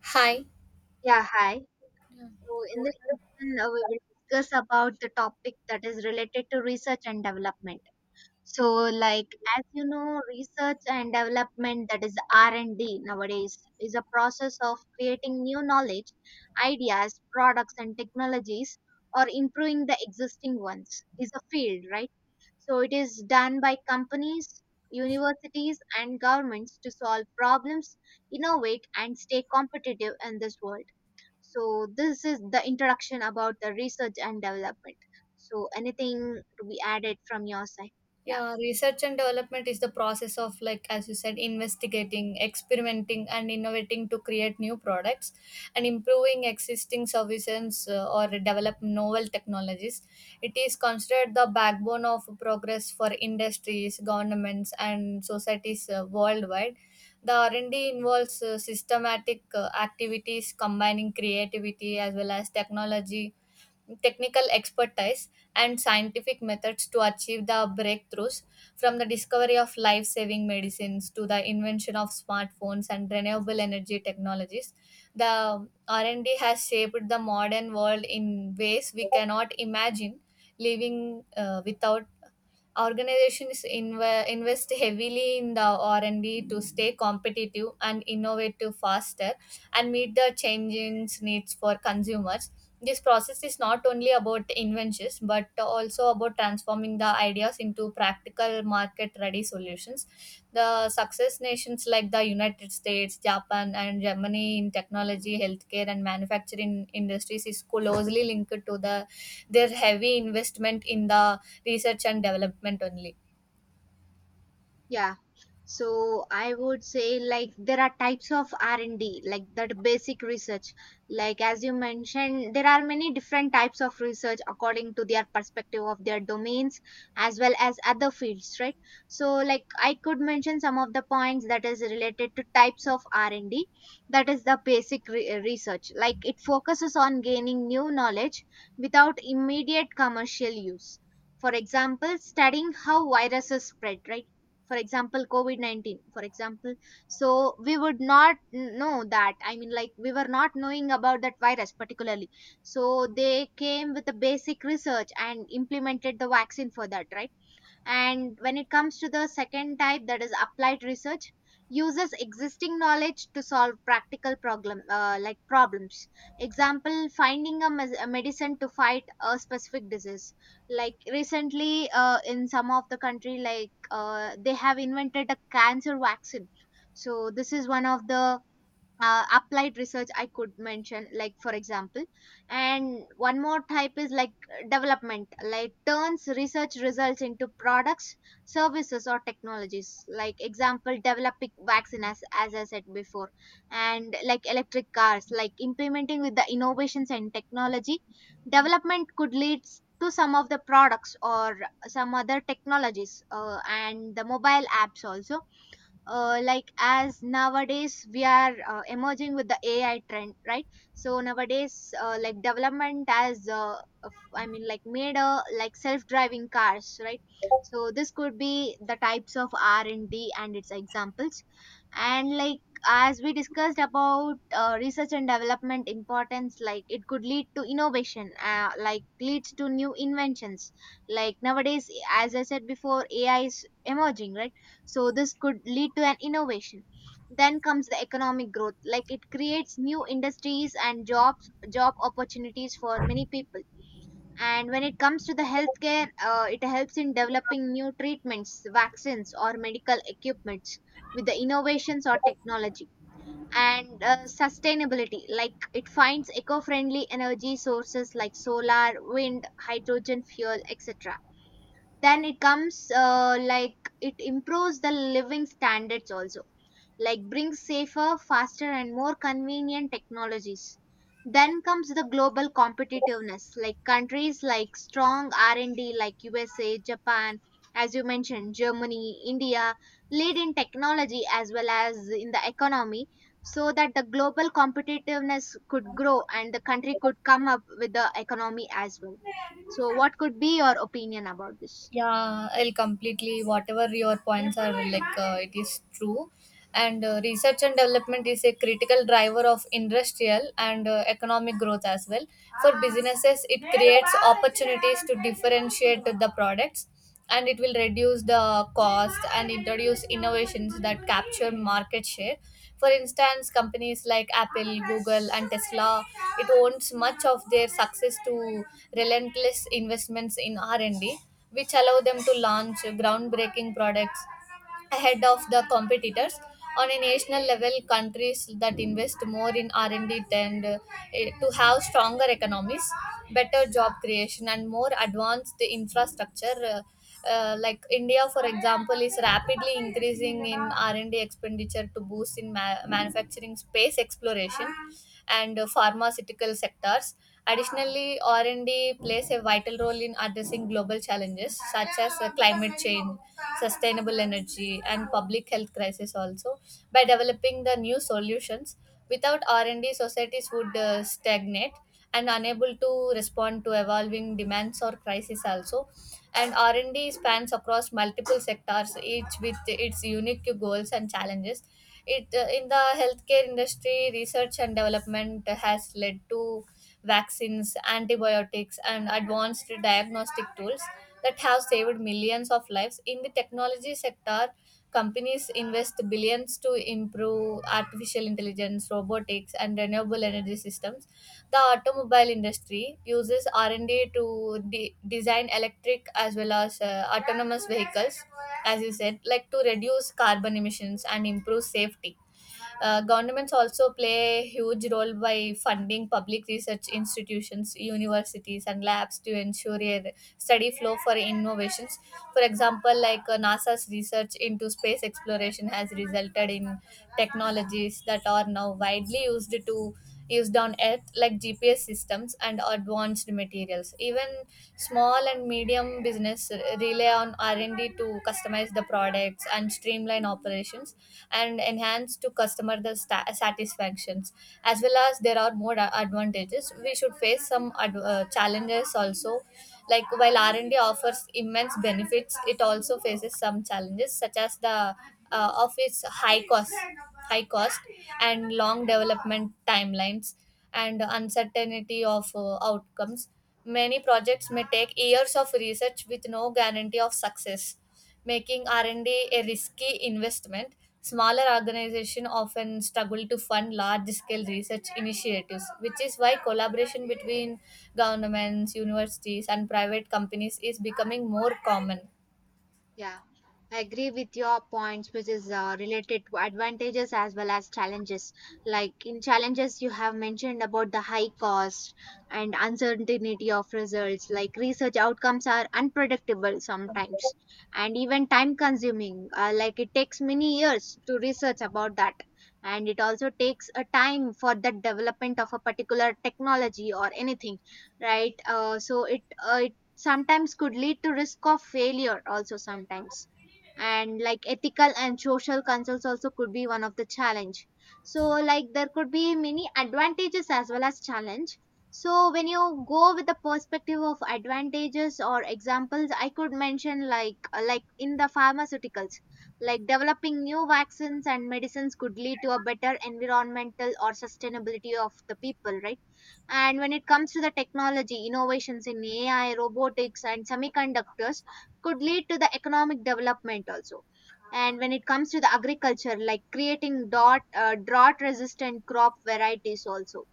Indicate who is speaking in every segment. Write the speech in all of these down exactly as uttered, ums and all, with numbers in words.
Speaker 1: Hi.
Speaker 2: Yeah, hi. So in this session, uh, we will discuss about the topic that is related to research and development. So, like as you know, research and development, that is R and D, nowadays is a process of creating new knowledge, ideas, products, and technologies, or improving the existing ones. Is a field, right? So it is done by companies, universities, and governments to solve problems, innovate, and stay competitive in this world. So this is the introduction about the research and development. So anything to be added from your side? Yeah.
Speaker 1: Yeah, research and development is the process of, like, as you said, investigating, experimenting, and innovating to create new products and improving existing services uh, or develop novel technologies. It is considered the backbone of progress for industries, governments, and societies uh, worldwide. The R and D involves uh, systematic uh, activities combining creativity as well as technology technical expertise and scientific methods to achieve the breakthroughs from the discovery of life saving medicines to the invention of smartphones and renewable energy technologies. The r&d has shaped the modern world in ways we cannot imagine living uh, without. Organizations inve- invest heavily in the r&d to stay competitive and innovative faster and meet the changing needs for consumers. This process is not only about inventions but also about transforming the ideas into practical market ready solutions. The success nations like the United States, Japan, and Germany in technology, healthcare, and manufacturing industries is closely linked to the their heavy investment in the research and development only.
Speaker 2: Yeah. So I would say like there are types of R and D, like that basic research, like as you mentioned there are many different types of research according to their perspective of their domains as well as other fields, right? So like I could mention some of the points that is related to types of R and D. That is the basic re- uh, research, like it focuses on gaining new knowledge without immediate commercial use. For example, studying how viruses spread, right? For example, covid nineteen, for example. So we would not n- know that, I mean, like we were not knowing about that virus particularly. So they came with the basic research and implemented the vaccine for that, right? And when it comes to the second type, that is applied research, uses existing knowledge to solve practical problem uh, like problems. Example, finding a, mes- a medicine to fight a specific disease. Like recently, uh, in some of the country, like uh, they have invented a cancer vaccine. So this is one of the uh, applied research I could mention, like for example. And one more type is like development, like turns research results into products, services, or technologies, like example developing vaccine, as, as I said before, and like electric cars, like implementing with the innovations and technology. Development could lead s- to some of the products or some other technologies, uh, and the mobile apps also. Uh, like as nowadays we are uh, emerging with the A I trend, right? So nowadays, uh, like development as, uh, of- I mean like made a like self driving cars, right? So this could be the types of r&d and D and its examples. And like as we discussed about uh, research and development importance, like it could lead to innovation, uh, like leads to new inventions. Like nowadays, as I said before, A I is emerging, right? So this could lead to an innovation. Then comes the economic growth, like it creates new industries and jobs, job opportunities for many people. And when it comes to the healthcare, uh, it helps in developing new treatments, vaccines, or medical equipments with the innovations or technology. And uh, sustainability, like it finds eco friendly energy sources like solar, wind, hydrogen fuel, etc. Then it comes, uh, like it improves the living standards also, like brings safer, faster, and more convenient technologies. Then comes the global competitiveness, like countries like strong R and D, like U S A, Japan, as you mentioned, Germany, India, lead in technology as well as in the economy. So that the global competitiveness could grow and the country could come up with the economy as well. So what could be your opinion about this?
Speaker 1: Yeah, I'll completely whatever your points are, like uh, it is true. And uh, research and development is a critical driver of industrial and uh, economic growth as well. For businesses, it creates opportunities to differentiate the products, and it will reduce the cost and introduce innovations that capture market share. For instance, companies like Apple, Google, and Tesla, it owns much of their success to relentless investments in r&d, which allow them to launch groundbreaking products ahead of the competitors. On a national level, countries that invest more in r&d tend uh, eh, to have stronger economies, better job creation, and more advanced infrastructure. Uh, uh, like India, for example, is rapidly increasing in r&d expenditure to boost in ma- manufacturing, space exploration, and uh, pharmaceutical sectors. Additionally, R and D plays a vital role in addressing global challenges such as uh, climate change, sustainable energy, and public health crisis also by developing the new solutions. Without R and D, societies would uh, stagnate and unable to respond to evolving demands or crises also. And R and D spans across multiple sectors, each with its unique goals and challenges. It uh, in the healthcare industry, research and development has led to vaccines, antibiotics, and advanced diagnostic tools that have saved millions of lives. In the technology sector, companies invest billions to improve artificial intelligence, robotics, and renewable energy systems. The automobile industry uses R and D to de- design electric as well as uh, autonomous vehicles, as you said, like to reduce carbon emissions and improve safety. Uh, governments also play a huge role by funding public research institutions, universities, and labs to ensure a steady flow for innovations. For example, like uh, NASA's research into space exploration has resulted in technologies that are now widely used to used on Earth, like G P S systems and advanced materials. Even small and medium business rely on R and D to customize the products and streamline operations and enhance to customer the sta- satisfactions. As well as there are more a- advantages, we should face some ad- uh, challenges also. Like while R and D offers immense benefits, it also faces some challenges such as the uh, of its high cost, high cost and long development timelines, and uncertainty of uh, outcomes. Many projects may take years of research with no guarantee of success, making r&d a risky investment. Smaller organizations often struggle to fund large scale research initiatives, which is why collaboration between governments, universities, and private companies is becoming more common.
Speaker 2: Yeah, I agree with your points, which is uh, related to advantages as well as challenges. Like in challenges, you have mentioned about the high cost and uncertainty of results. Like research outcomes are unpredictable sometimes, and even time consuming. Uh, like it takes many years to research about that, and it also takes a time for the development of a particular technology or anything, right? Uh, so it uh, Sometimes could lead to risk of failure also sometimes, and like ethical and social concerns also could be one of the challenge. So like there could be many advantages as well as challenge. So when you go with the perspective of advantages or examples, I could mention like, uh, like in the pharmaceuticals, like developing new vaccines and medicines could lead to a better environmental or sustainability of the people, right? And when it comes to the technology, innovations in A I, robotics, and semiconductors could lead to the economic development also. And when it comes to the agriculture, like creating dot, uh, drought resistant crop varieties also.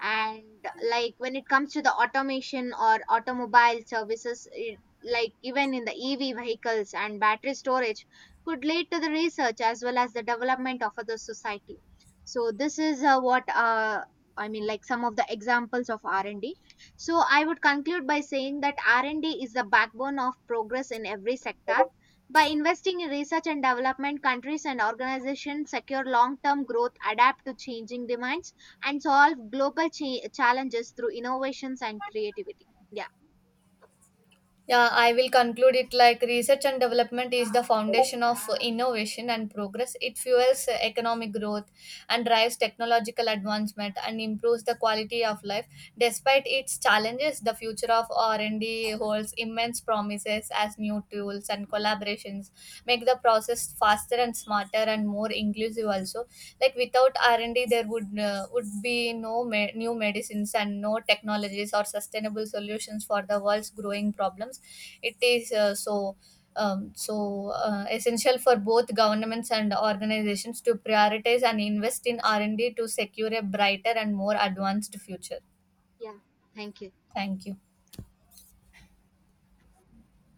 Speaker 2: And like when it comes to the automation or automobile services, it, like even in the E V vehicles and battery storage could lead to the research as well as the development of the society. So this is, uh, what uh, I mean like some of the examples of R and D. So I would conclude by saying that R and D is the backbone of progress in every sector. By investing in research and development, countries and organizations secure long term growth, adapt to changing demands, and solve global cha- challenges through innovations and creativity. Yeah.
Speaker 1: Yeah, I will conclude it like research and development is the foundation of innovation and progress. It fuels economic growth and drives technological advancement and improves the quality of life. Despite its challenges, the future of R and D holds immense promises as new tools and collaborations make the process faster and smarter and more inclusive also. Like without r&d there would uh, would be no me- new medicines and no technologies or sustainable solutions for the world's growing problems. It is uh, so um, so uh, essential for both governments and organizations to prioritize and invest in r&d to secure a brighter and more advanced future.
Speaker 2: Yeah, thank you.
Speaker 1: Thank you.